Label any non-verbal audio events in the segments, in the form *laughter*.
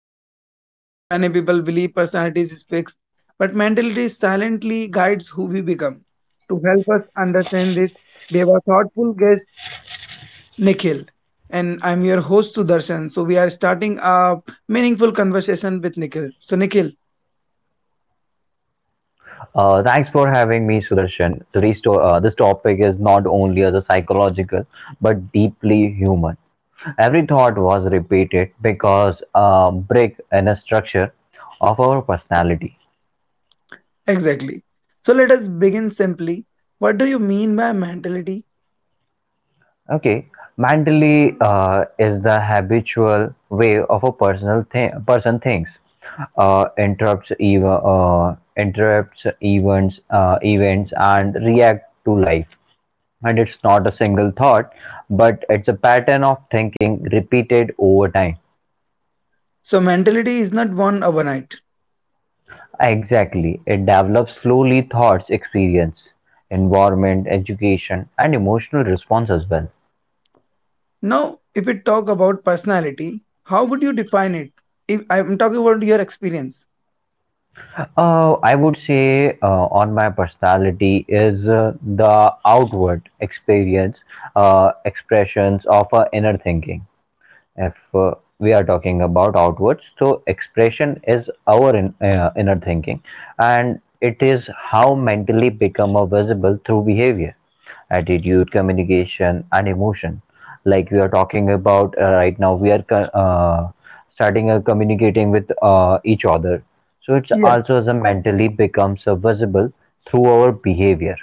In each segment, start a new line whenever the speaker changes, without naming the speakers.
personality. Many people believe personality is fixed, but mentality silently guides who we become. To help us understand this, we have a thoughtful guest, Nikhil. And I'm your host, Sudarshan. So we are starting a meaningful conversation with Nikhil. So, Nikhil,
Thanks for having me, Sudarshan. Today's to, this topic is not only as a psychological but deeply human. Every thought was repeated because a brick in a structure of our personality.
exactly. So, let us begin simply. What do you mean by mentality?
Okay, mentally is the habitual way of a person thinks. Interrupts even interrupts events and react to life. And it's not a single thought, but it's a pattern of thinking repeated over time.
So, mentality is not born overnight.
Exactly. It develops slowly thoughts, experience, environment, education, and emotional response as well.
Now, if we talk about personality, how would you define it? If I'm talking about your experience.
I would say on my personality is the outward experience, expressions of inner thinking. If we are talking about outwards, so expression is our inner thinking, and it is how mentally become visible through behavior, attitude, communication and emotion. Like we are talking about right now, we are uh, starting communicating with each other, so it's
Yes.
also as a mentally becomes a visible through our behavior.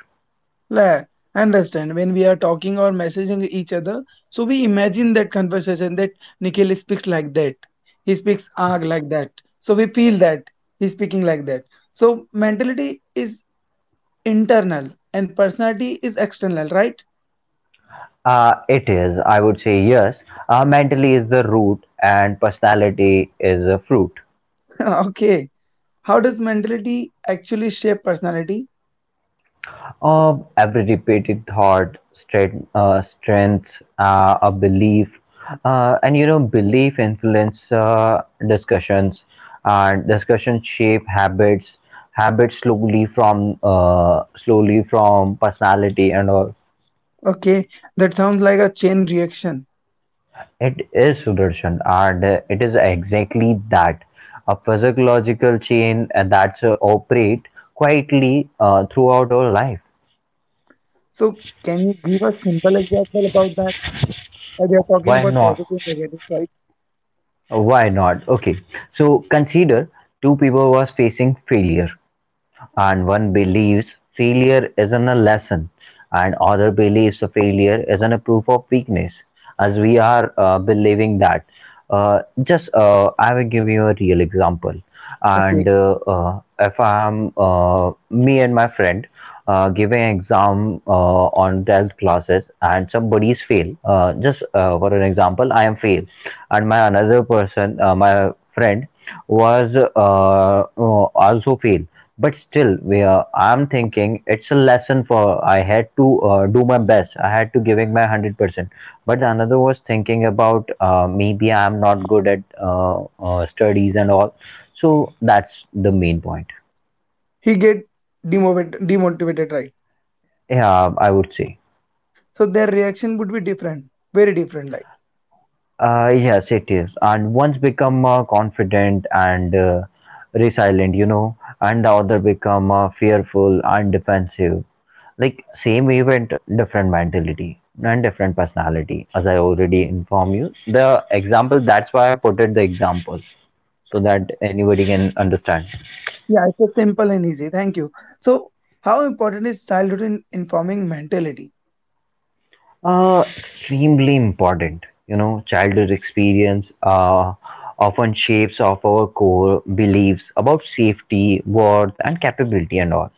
Like, understand when we are talking or messaging each other, so we imagine that conversation that Nikhil speaks like that. He speaks arg like that. So we feel that he's speaking like that. So mentality is internal and personality is external, right?
It is, I would say yes. Mentally is the root and personality is the fruit.
*laughs* Okay. How does mentality actually shape personality?
Of every repeated thought, strength, a belief, and you know, belief influence discussions, and discussions shape habits, habits slowly from personality and all.
Okay, that sounds like a chain reaction.
It is, Sudarshan, and it is exactly that a physiological chain that's operate quietly throughout our life.
So can you give a simple example about that? Like we are talking
Why
about
not?
positive negative, right?
Why not? Okay, so consider two people was facing failure, and one believes failure is an a lesson and other believes failure is an a proof of weakness. As we are believing that, just I will give you a real example.
Okay,
And if I am me and my friend giving exam on 12th classes and somebody's fail, just for an example, I am fail, and my another person, my friend was also fail. But still, I'm thinking it's a lesson for I had to do my best. I had to giving my 100%. But another was thinking about maybe I'm not good at studies and all. So that's the main point.
he get demotivated, right?
Yeah, I would say.
So their reaction would be different, very different. Like
Yes, it is. And once become confident and resilient, you know, and the other become fearful and defensive. Like same event, different mentality and different personality. As I already informed you, the example. That's why I put it the example, so that anybody can understand.
yeah, it's a simple and easy. Thank you. So how important is childhood in informing mentality?
Extremely important. You know, childhood experience often shapes of our core beliefs about safety, worth, and capability, and all.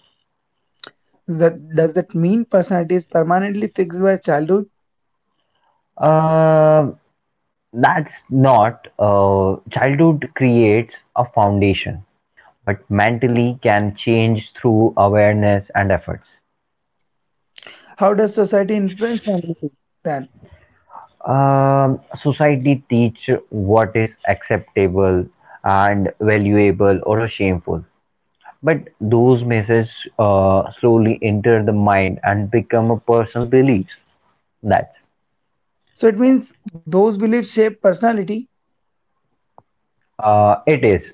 Does that mean personality is permanently fixed by childhood?
Uh, that's not. Childhood creates a foundation, but mentally can change through awareness and efforts.
How does society influence mentality then?
Society teach what is acceptable and valuable or shameful. But those messages slowly enter the mind and become a personal beliefs. That's
So it means those beliefs shape personality.
it is.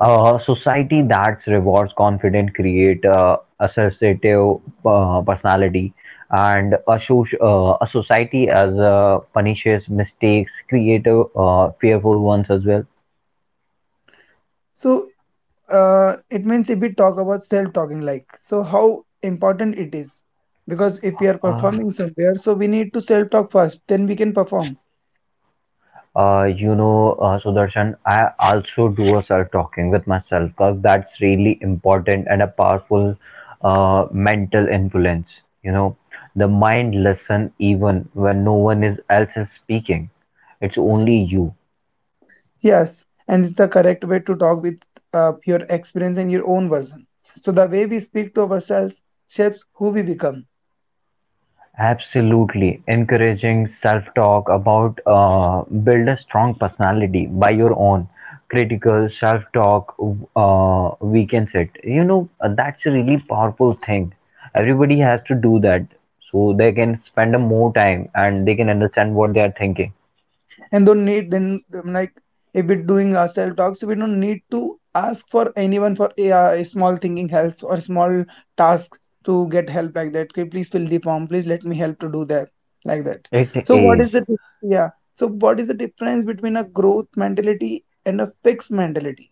A society that rewards confident, create assertive personality, and a society as punishes mistakes, create fearful ones as well.
So it means if we talk about self talking, like, so how important it is, because if we are
Uh,
performing somewhere, so we need to self talk first, then we can perform.
You know, Sudarshan, I also do a self talking with myself because that's really important and a powerful mental influence. You know, the mind listen even when no one is else is speaking. It's only you.
Yes, and it's the correct way to talk with your experience and your own version. So the way we speak to ourselves shapes who we become.
Absolutely. Encouraging self-talk about build a strong personality by your own critical self-talk weakens it. You know, that's a really powerful thing. Everybody has to do that so they can spend a more time and they can understand what they are thinking.
And don't need then like, if we're doing self talks, we don't need to ask for anyone for a small thinking help or small task, to get help like that. Okay, please fill the form, please let me help to do that, like that.
It
So what is the
is.
yeah, so what is the difference between a growth mentality and a fixed mentality?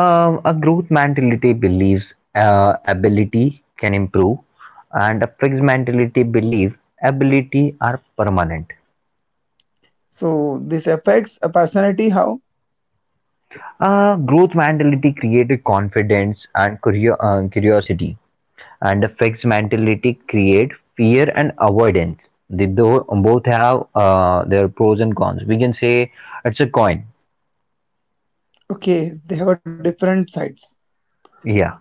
A growth mentality believes ability can improve, and a fixed mentality believe ability are permanent.
So this affects a personality how?
Growth mentality created confidence and curiosity, and the fixed mentality create fear and avoidance. Both have their pros and cons. We can say it's a coin.
Okay, they have different sides.
Yeah,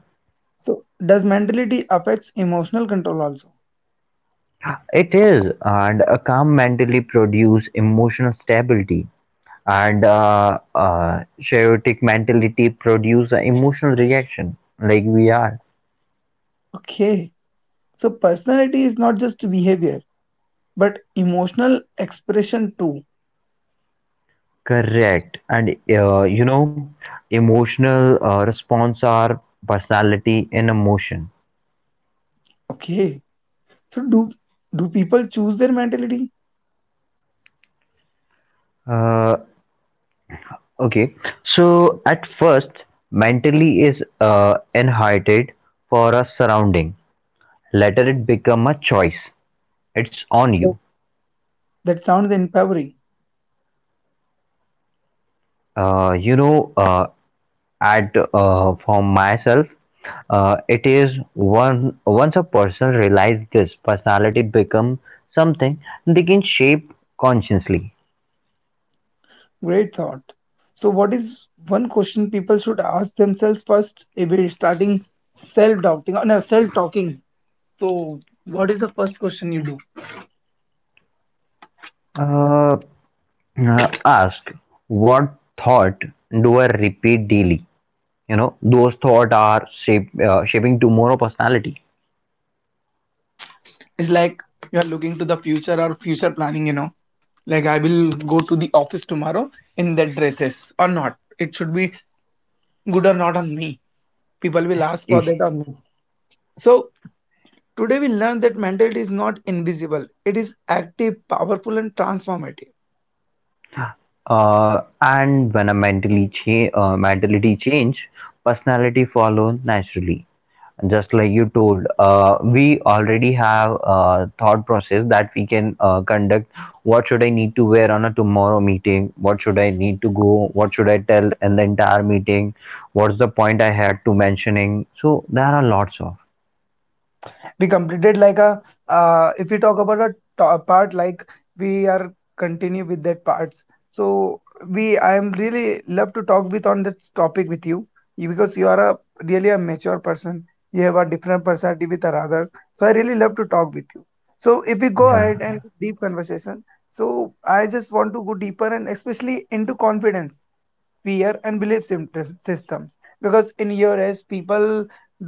So, does mentality affects emotional control also?
it is, and a calm mentality produce emotional stability, and chaotic mentality produce an emotional reaction, like we are.
Okay, so personality is not just behavior, but emotional expression too.
Correct. And you know, emotional response are personality in emotion.
Okay, so do people choose their mentality?
Uh, okay. So at first, mentally is inherited for a surrounding. Later, it become a choice. It's on
That,
you.
that sounds empowering.
You know, at for myself, it is one once a person realizes this, personality become something they can shape consciously.
Great thought. So, what is one question people should ask themselves first if we're starting self doubting, or no, self talking? So, what is the first question you do?
uh, Ask what thought do I repeat daily? You know, those thoughts are shaping tomorrow personality.
It's like you are looking to the future or future planning, you know, like I will go to the office tomorrow in that dresses or not. It should be good or not on me. People will ask for that on me. So, today we learned that mentality is not invisible, it is active, powerful, and transformative.
And when mentality change, personality follows naturally. Just like you told, we already have a thought process that we can conduct. What should I need to wear on a tomorrow meeting? What should I need to go? What should I tell in the entire meeting? What's the point I had to mentioning? So there are lots of
We completed like a if we talk about a part, like we are continue with that parts. So we I am really love to talk with on this topic with you, because you are a really a mature person. You have a different personality with our other, so I really love to talk with you. So if we go
yeah.
ahead and deep conversation, so I just want to go deeper, and especially into confidence, fear, and belief systems, because in your age people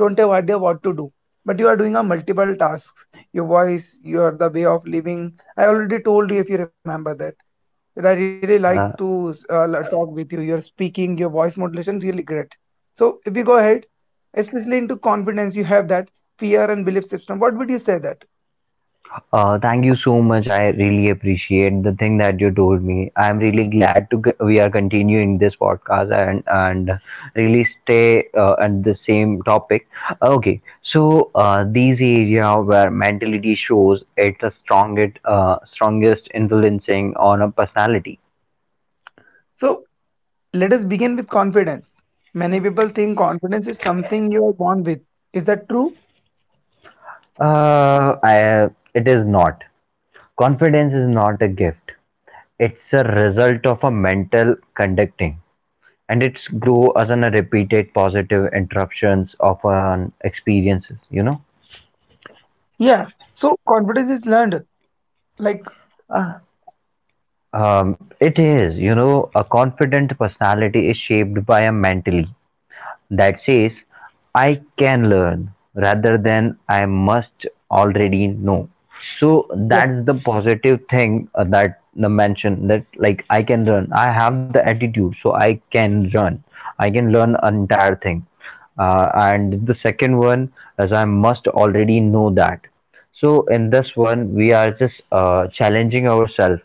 don't have idea what to do, but you are doing a multiple tasks. Your voice, your the way of living, I already told you, if you remember that, that I really like to talk with you. Your speaking, your voice modulation really great. So if we go ahead, especially into confidence, you have that fear and belief system. What would you say that?
Thank you so much. I really appreciate the thing that you told me. I'm really glad to we are continuing this podcast and really stay at the same topic. Okay, so these area where mentality shows it's a strongest strongest influencing on a personality.
So let us begin with confidence. Many people think confidence is something you are born with. Is that true?
Uh, I, it is not. Confidence is not a gift. It's a result of a mental conducting, and it's grow as an a repeated positive interruptions of an experiences, you know.
Yeah. So confidence is learned. Like,
Um, it is, you know, a confident personality is shaped by a mentally that says I can learn rather than I must already know. So
yeah.
that's the positive thing that the mention that like I can learn. I have the attitude, so I can run. I can learn an entire thing. And the second one is I must already know that. So in this one, we are just challenging ourselves.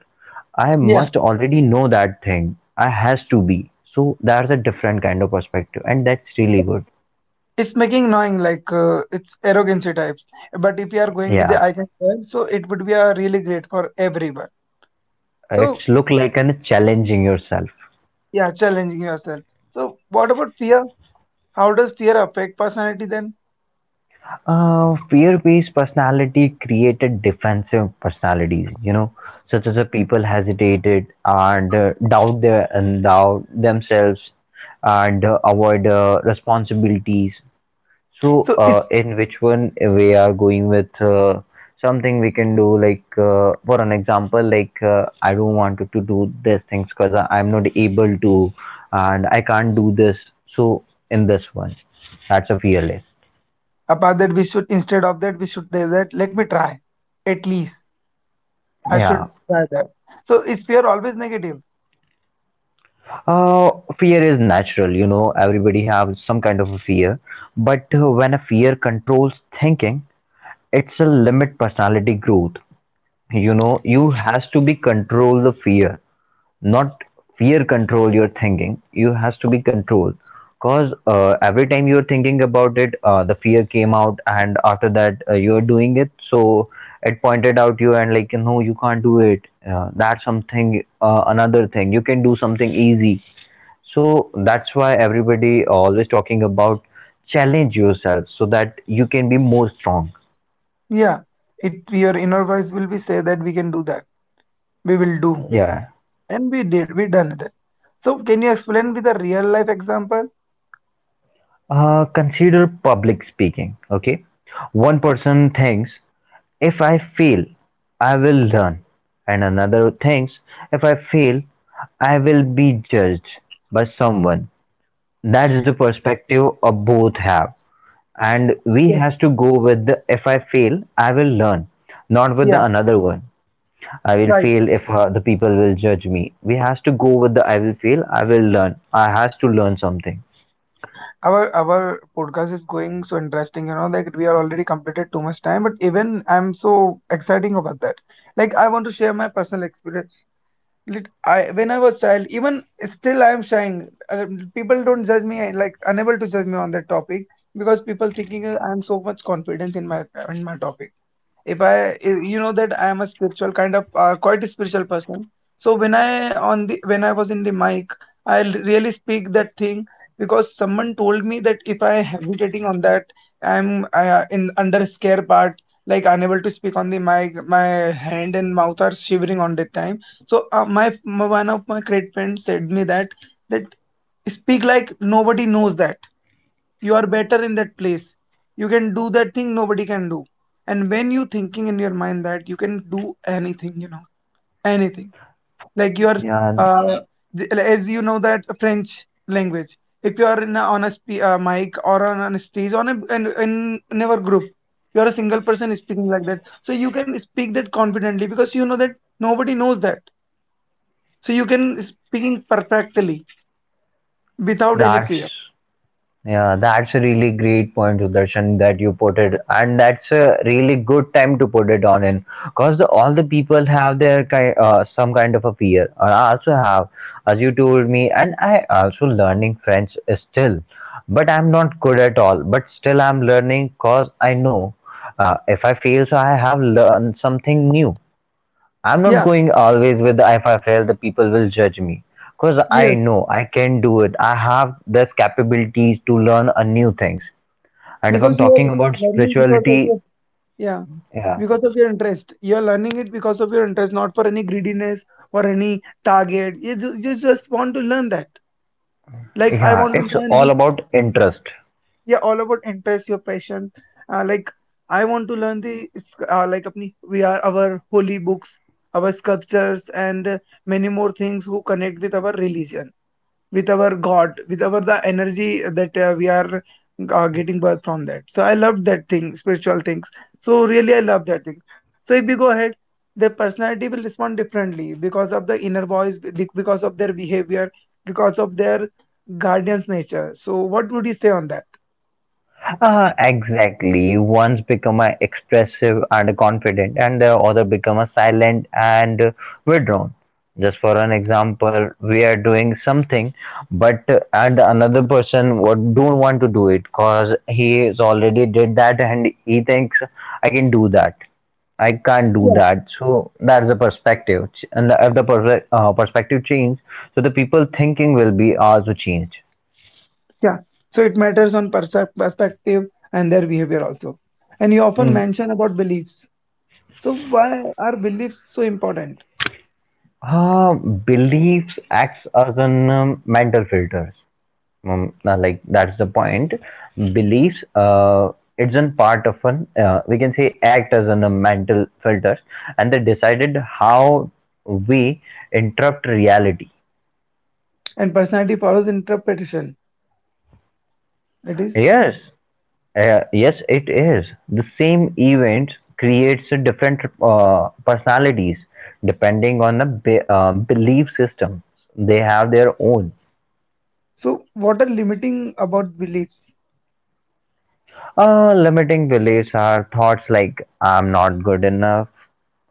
I
Yeah.
must already know that thing. I has to be. So that's a different kind of perspective, and that's really good.
It's making knowing like it's arrogancy types. But if you are going with
Yeah,
the I can learn, so it would be a really great for everyone. So
it's look like an challenging yourself.
yeah, challenging yourself. So what about fear? How does fear affect personality then?
Fear-based personality created defensive personalities. You know, such as a people hesitated and doubt themselves and avoid responsibilities. So,
So it's
in which one we are going with something we can do, like for an example, like I don't want to do these things because I'm not able to, and I can't do this. So, in this one, that's a fear list.
about that, we should, instead of that, we should say that, let me try. At least I
Yeah.
should try that. So is fear always negative?
Uh, fear is natural, you know, everybody have some kind of a fear, but when a fear controls thinking, it's a limit personality growth. You know, you has to be control the fear, not fear control your thinking. You has to be controlled, because every time you're thinking about it, the fear came out, and after that, you're doing it, so it pointed out you and like no, you can't do it. That's something, another thing you can do something easy. So that's why everybody always talking about challenge yourself, so that you can be more strong.
Yeah. It your inner voice will be say that we can do that. We will do.
Yeah.
And we done that. So can you explain with a real life example?
Consider public speaking. Okay, one person thinks if I fail, I will learn, and another thinks if I fail, I will be judged by someone. That's the perspective of both have, and
Yes.
we has to go with the if I fail, I will learn, not with
Yeah,
the another one. I will
right.
fail if the people will judge me. We has to go with the I will fail, I will learn. I has to learn something.
Our podcast is going so interesting, you know, like we are already completed too much time, but even I'm so exciting about that. Like I want to share my personal experience. I when I was child, even still I am shying. uh, People don't judge me, like unable to judge me on that topic, because people thinking I am so much confidence in my topic. If I you you know that I am a spiritual kind of, quite a spiritual person. So when I on the when I was in the mic, I really speak that thing, because someone told me that if I hesitating on that, I'm in under scare part, like unable to speak on the mic. My hand and mouth are shivering on that time. So my one of my great friends said me that, that speak like nobody knows that you are better in that place. You can do that thing nobody can do. And when you thinking in your mind that you can do anything, you know, anything, like you are
Yeah,
uh, as you know that french language, if you are in a, on a mic or on a stage on a in our group, you are a single person speaking like that, so you can speak that confidently because you know that nobody knows that, so you can speaking perfectly without any
that's
fear.
Yeah, that's a really great point, Sudarshan, that you put it, and that's a really good time to put it on in, because all the people have their kind, some kind of a fear. And I also have, as you told me, and I also learning French still, but I'm not good at all. But still, I'm learning, cause I know, if I fail, so I have learned something new. I'm not
Yeah.
going always with the if I fail, the people will judge me. Because I
Yes,
know I can do it. I have this capabilities to learn a new things. And if I'm
because you are
talking about
learning because of
spirituality,
your, yeah,
yeah,
because of your interest, you're learning it because of your interest, not for any greediness or any target. You just want to learn that, like I
yeah,
want to
it's
learn the,
all about interest.
yeah, all about interest, your passion. Like I want to learn the like apni, we are our holy books, our sculptures, and many more things who connect with our religion, with our god, with our the energy that we are getting birth from that. So I love that thing, spiritual things. So really I love that thing. So if we go ahead, their personality will respond differently because of the inner voice, because of their behavior, because of their guardian's nature. So what would you say on that?
Exactly. One's become a expressive and confident, and the other become a silent and withdrawn. Just for an example, we are doing something, but and another person would don't want to do it because he is already did that and he thinks I can do that. I can't
Yeah.
do that. So that's the perspective, Ch- and the, if the perfe- perspective change, so the people thinking will be also change.
Yeah, so it matters on perspective and their behavior also. And you often mention about beliefs. So why are beliefs so important?
Beliefs acts as an mental filters. Like that's the point. Beliefs, it's an part of an we can say act as an mental filters, and they decided how we interrupt reality.
And personality follows interpretation. It is.
Yes, yes, it is. The same event creates a different personalities depending on the belief system. They have their own.
So, what are limiting about beliefs?
Limiting beliefs are thoughts like I'm not good enough,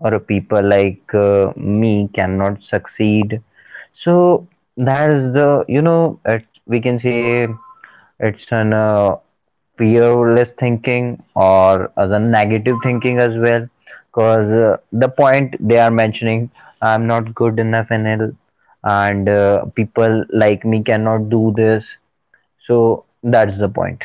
or people like me cannot succeed. So that is the we can say it's an fearless thinking or as a negative thinking as well. Because the point they are mentioning, I'm not good enough and I and people like me cannot do this. So that's the point.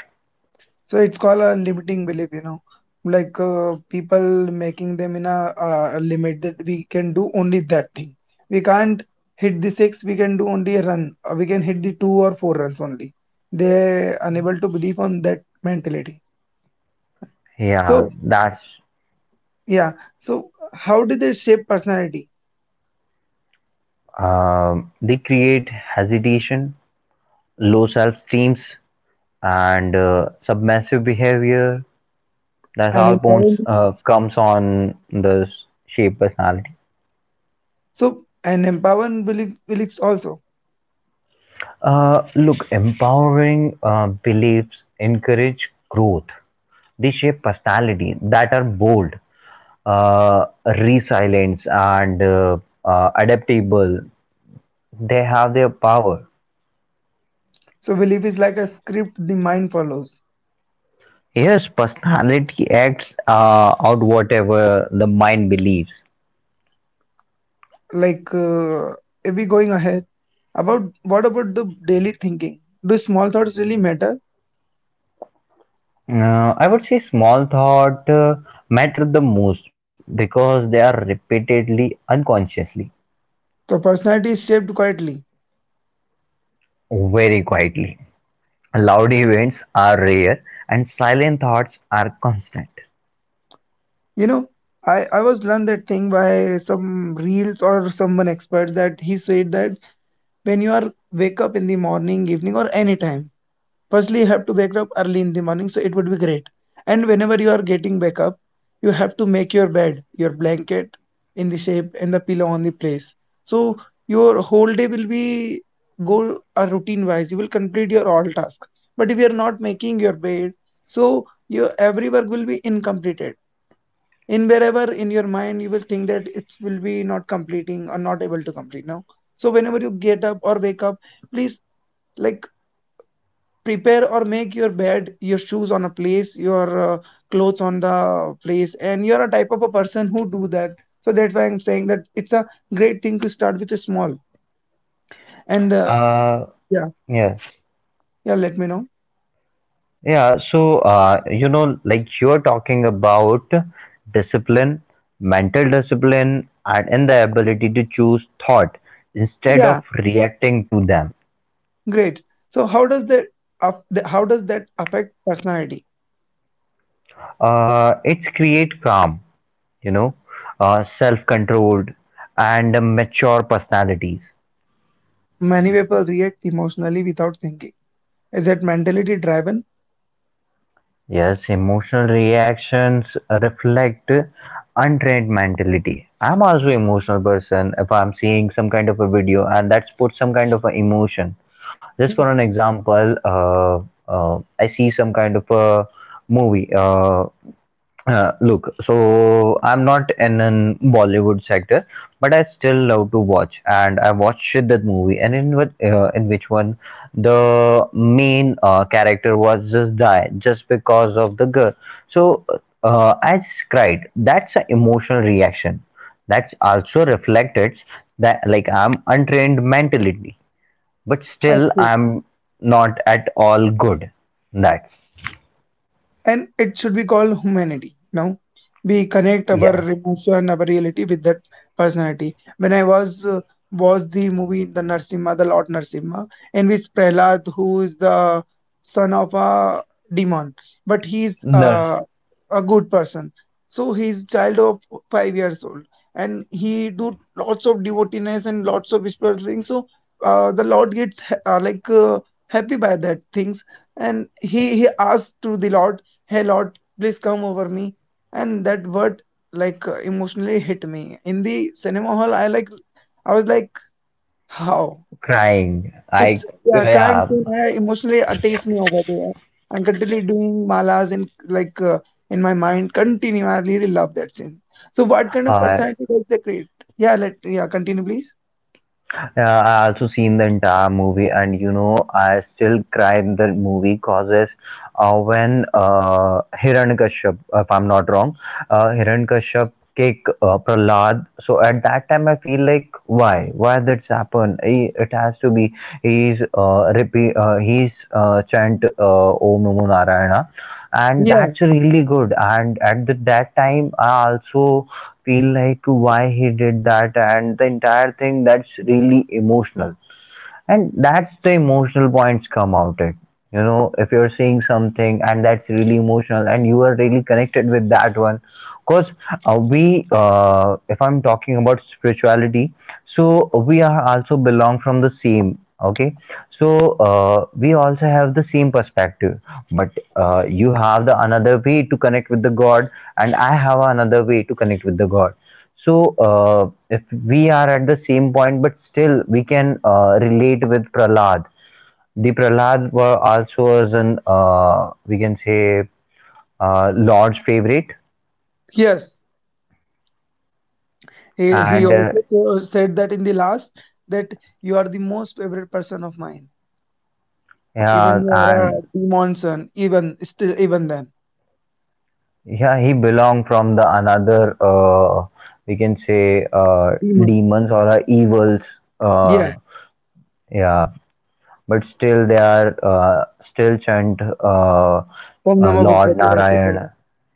So, it's called a limiting belief, you know, like people making them in a limit that we can do only that thing. We can't hit the six, we can do only a run, or we can hit the two or four runs only. They're unable to believe on that mentality.
Yeah,
So,
that's
yeah. So, how do they shape personality
They create hesitation, low self-esteems, and submissive behavior. That's
and
all
empower
points
beliefs?
comes on the shape personality.
So, and empower belief, beliefs also.
Look, empowering beliefs encourage growth. They shape personality that are bold, resilient, and adaptable. They have their power.
So, belief is like a script the mind follows.
Yes, personality acts out whatever the mind believes.
Like, if we going ahead, about what about the daily thinking? Do small thoughts really matter?
I would say small thought matter the most because they are repeatedly, unconsciously,
So personality is shaped quietly.
very quietly. Loud events are rare and silent thoughts are constant.
You know, I was learned that thing by some reels or someone expert that he said that, when you are wake up in the morning, evening, or any time, firstly you have to wake up early in the morning, so it would be great. And whenever you are getting back up, you have to make your bed, your blanket, in the shape, and the pillow on the place. So your whole day will be go a routine wise, you will complete your all task. But if you are not making your bed, so your every work will be incompleted. In wherever in your mind, you will think that it will be not completing or not able to complete now. So whenever you get up or wake up, please, like, prepare or make your bed, your shoes on a place, your uh, clothes on the place, and you're a type of a person who do that. So that's why I'm saying that it's a great thing to start with a small. And
Uh,
yeah,
yes.
yeah, let me know.
Yeah, so you know, like you're talking about discipline, mental discipline, and in the ability to choose thought instead of
Yeah,
reacting to them.
great. So how does that how does that affect personality?
It's create calm, you know, self-controlled, and mature personalities.
Many people react emotionally without thinking. Is that mentality driven?
Yes, emotional reactions reflect untrained mentality. I'm also emotional person. If I'm seeing some kind of a video and that's put some kind of a emotion. Just for an example, I see some kind of a movie. Look, so I'm not in an Bollywood sector, but I still love to watch, and I watched Shiddat movie, and in what in which one the main character was just die just because of the girl. So I just cried. That's an emotional reaction. That's also reflected that like I'm untrained mentally, but still I'm not at all good. That's
And it should be called humanity. Now, we connect our
yeah.
emotion, our reality with that personality. When I was the movie The Narsimha, The Lord Narsimha, in which Prahlad, who is the son of a demon, but he's
No.
uh, a good person. So he's child of 5 years old, and he do lots of devotees and lots of spiritual things. So the Lord gets happy by that things and he asks to the lord, Hey Lord, please come over me. And that word emotionally hit me. In the cinema hall, I like, I was like, how?
crying.
It's,
I
yeah, crime
yeah,
scene emotionally attached me over there. I'm continually doing malas in in my mind. Continue. I really love that scene. So what kind of
uh,
personality does they create? Yeah, let, yeah, continue please.
yeah, I also seen the entire movie, and you know, I still cry in the movie causes when Hiranyakashyap, if I'm not wrong, Hiranyakashyap kick Prahlad. So at that time, I feel like why that's happened? He, it has to be he's chant Om Namo Narayana, and
Yeah,
that's really good. And at that time, I also feel like why he did that and the entire thing that's really emotional and that's the emotional points come out it, you know, if you're seeing something and that's really emotional and you are really connected with that one. Because we if I'm talking about spirituality, so we are also belong from the same. Okay, so we also have the same perspective, but you have the another way to connect with the god and I have another way to connect with the god. So, if we are at the same point, but still we can relate with Prahlad. The Prahlad were also was an, we can say, Lord's favorite,
yes. He
and
also said that in the last that you are the most favorite person of mine. Even
yeah,
you are a
and
demon, even still, even then,
yeah, he belonged from the another, we can say,
demon.
demons or evils.
Yeah,
Uh, yeah, but still they are still chant
from Namabook.
Lord Narayan,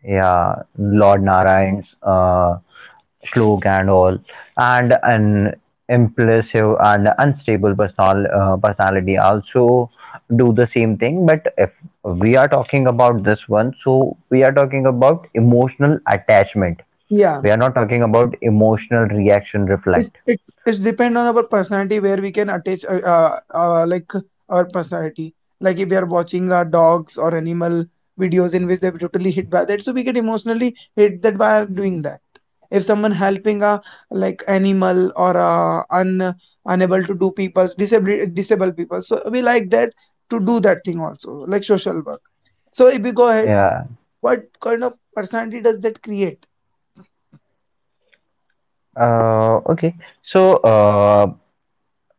yeah, Lord Narayan's slok and all, and an impulsive and unstable personality also do the same thing. But if we are talking about this one, so we are talking about emotional attachment.
Yeah,
We are not talking about emotional reaction
it's
reflect.
it it's depend on our personality where we can attach like our personality. Like if we are watching dogs or animal videos in which they're totally hit by that, so we get emotionally hit that by doing that. If someone helping a like animal or un unable to do people's disabled people, so we like that to do that thing also, like social work. So if we go ahead,
Yeah.
what kind of personality does that create?
Okay. So, uh,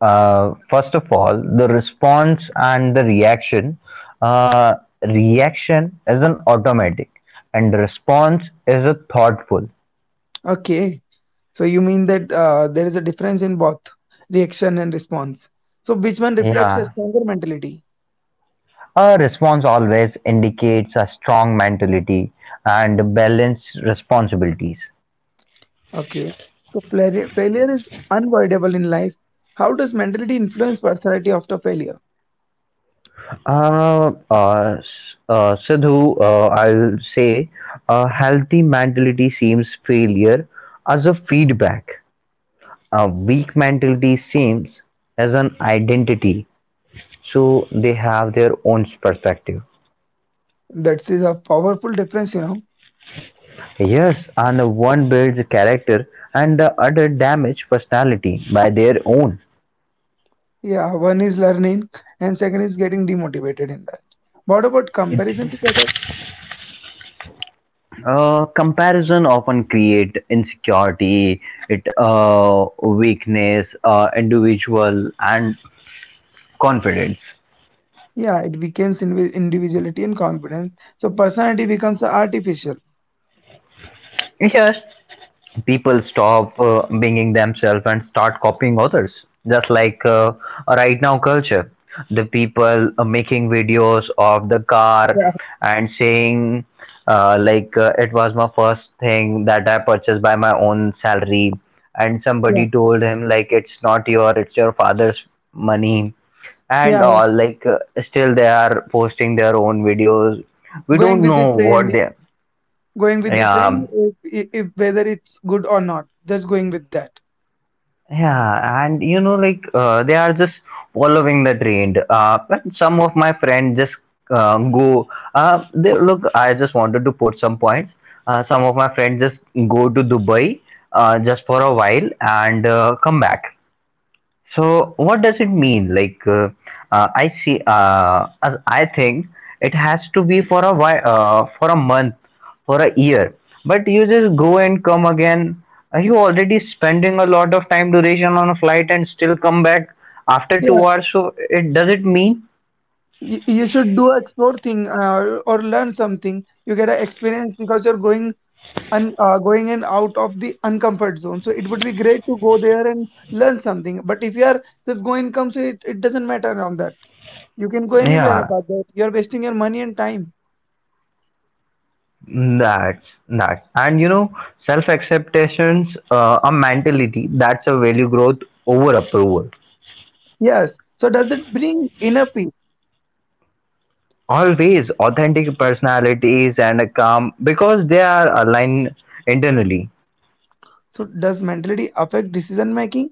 uh, first of all the response and the reaction, uh, reaction is an automatic and response is a thoughtful.
Okay, so you mean that there is a difference in both reaction and response. So which one reflects a
Yeah,
stronger mentality?
a response always indicates a strong mentality and balanced responsibilities.
Okay, so failure is unavoidable in life. How does mentality influence personality after failure?
uh, uh, s- Sidhu, I'll say a healthy mentality seems failure as a feedback. A weak mentality seems as an identity, so they have their own perspective.
That is a powerful difference, you know.
Yes, and one builds character and the other damage personality by their own.
Yeah, one is learning and second is getting demotivated in that. What about comparison with others?
Comparison often create insecurity, it weakness, individual and confidence.
Yeah, it weakens individuality and confidence. So personality becomes artificial.
Yes, people stop being themselves and start copying others, just like, right now culture the people making videos of the car and saying it was my first thing that I purchased by my own salary, and
Yeah,
somebody told him like it's not your, it's your father's money and
yeah, yeah.
all, like still they are posting their own videos. We
Going
don't
with the
know what
trend,
they
going with the
yeah.
trend, if whether it's good or not, just going with that.
Yeah, and you know, like they are just following the trend. But some of my friends just go. They, look, I just wanted to put some points. Some of my friends just go to Dubai just for a while and come back. So what does it mean? Like I see, as I think it has to be for a while, for a month, for a year. But you just go and come again. Are you already spending a lot of time duration on a flight and still come back after two
Yeah,
hours? So it does it mean?
you should do explore thing or learn something. You get an experience because you're going and going and out of the uncomfort zone. So it would be great to go there and learn something. But if you are just going come, so it doesn't matter on that. You can go anywhere
Yeah,
about that. You're wasting your money and time.
that's that. And you know, self acceptations, a mentality that's a value growth over approval.
Yes. So does that bring inner peace?
Always authentic personalities and calm because they are aligned internally.
So does mentality affect decision making?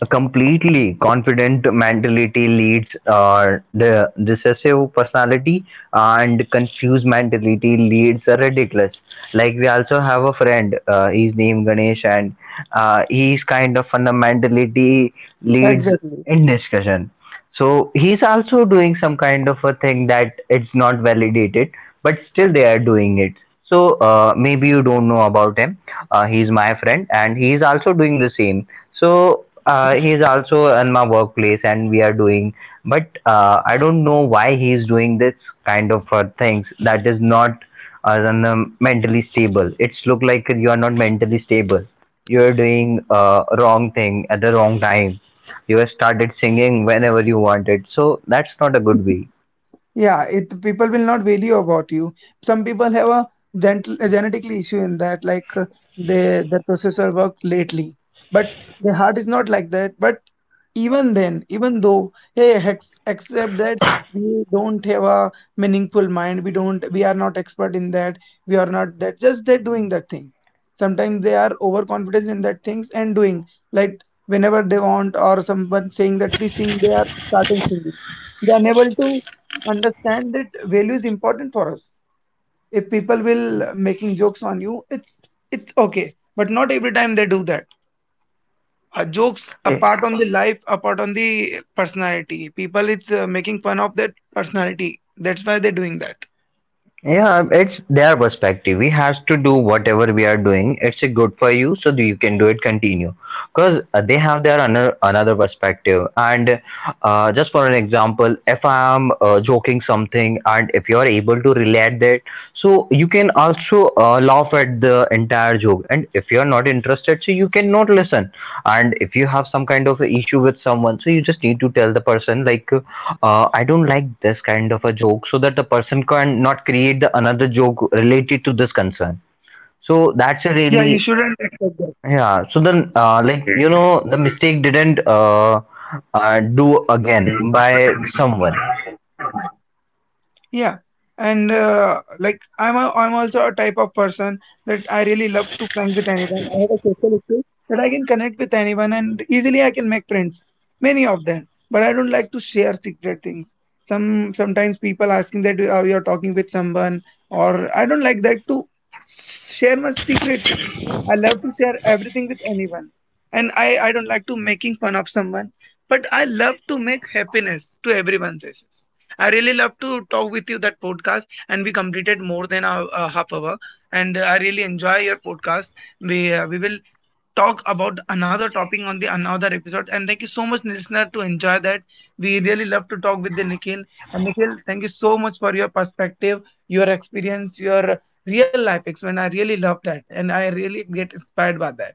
A completely confident mentality leads the decisive personality and confused mentality leads a ridiculous. Like we also have a friend, his name Ganesh and he's kind of fundamentality leads
Exactly.
in discussion. So he's also doing some kind of a thing that it's not validated, but still they are doing it. So maybe you don't know about him. He's my friend, and he's also doing the same. So he's also in my workplace, and we are doing. But I don't know why he's doing this kind of things that is not than the mentally stable. It's look like you are not mentally stable. You are doing wrong thing at the wrong time, you started singing whenever you wanted, so that's not a good way.
Yeah, it people will not value about you. Some people have a dental a genetically issue in that, they their processor worked lately, but the heart is not like that. But even then, even though, hey, ex except that we don't have a meaningful mind, we are not expert in that, we are not that. Just they're doing that thing. Sometimes they are overconfident in that things and doing like whenever they want, or someone saying that please sing, they are starting singing. They are unable to understand that value is important for us if people will making jokes on you, it's okay, but not every time they do that jokes
Eh,
apart on the life apart on the personality people, it's making fun of that personality, that's why they're doing that.
yeah, it's their perspective. We have to do whatever we are doing. It's good for you, so you can do it. Continue, because they have their another perspective. And just for an example, if I am joking something, and if you are able to relate that, so you can also laugh at the entire joke. And if you are not interested, so you cannot listen. And if you have some kind of a issue with someone, so you just need to tell the person like I don't like this kind of a joke, so that the person can not create the another joke related to this concern. So
Yeah,
that's
you
a
shouldn't
really
accept that.
yeah, so then like you know the mistake didn't do again by someone.
Yeah, and I'm also a type of person that I really love to connect with anyone. I have a social skill that I can connect with anyone and easily I can make friends, many of them. But I don't like to share secret things. Sometimes people asking that you're talking with someone, or I don't like that to share my secret things. I love to share everything with anyone, and I don't like to making fun of someone. But I love to make happiness to everyone's faces. I really love to talk with you that podcast, and we completed more than a half hour. And I really enjoy your podcast. We will talk about another topic on the another episode. And thank you so much, listener, to enjoy that. We really love to talk with the Nikhil. And Nikhil, thank you so much for your perspective, your experience, your real life experience. I really love that, and I really get inspired by that.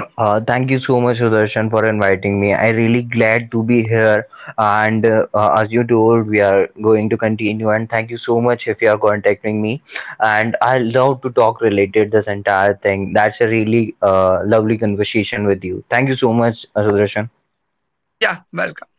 Thank you so much, Sudarshan, for inviting me. I really glad to be here. And as you told, we are going to continue. And thank you so much if you are contacting me. And I love to talk related this entire thing. That's a really lovely conversation with you. Thank you so much, Sudarshan.
Yeah, welcome.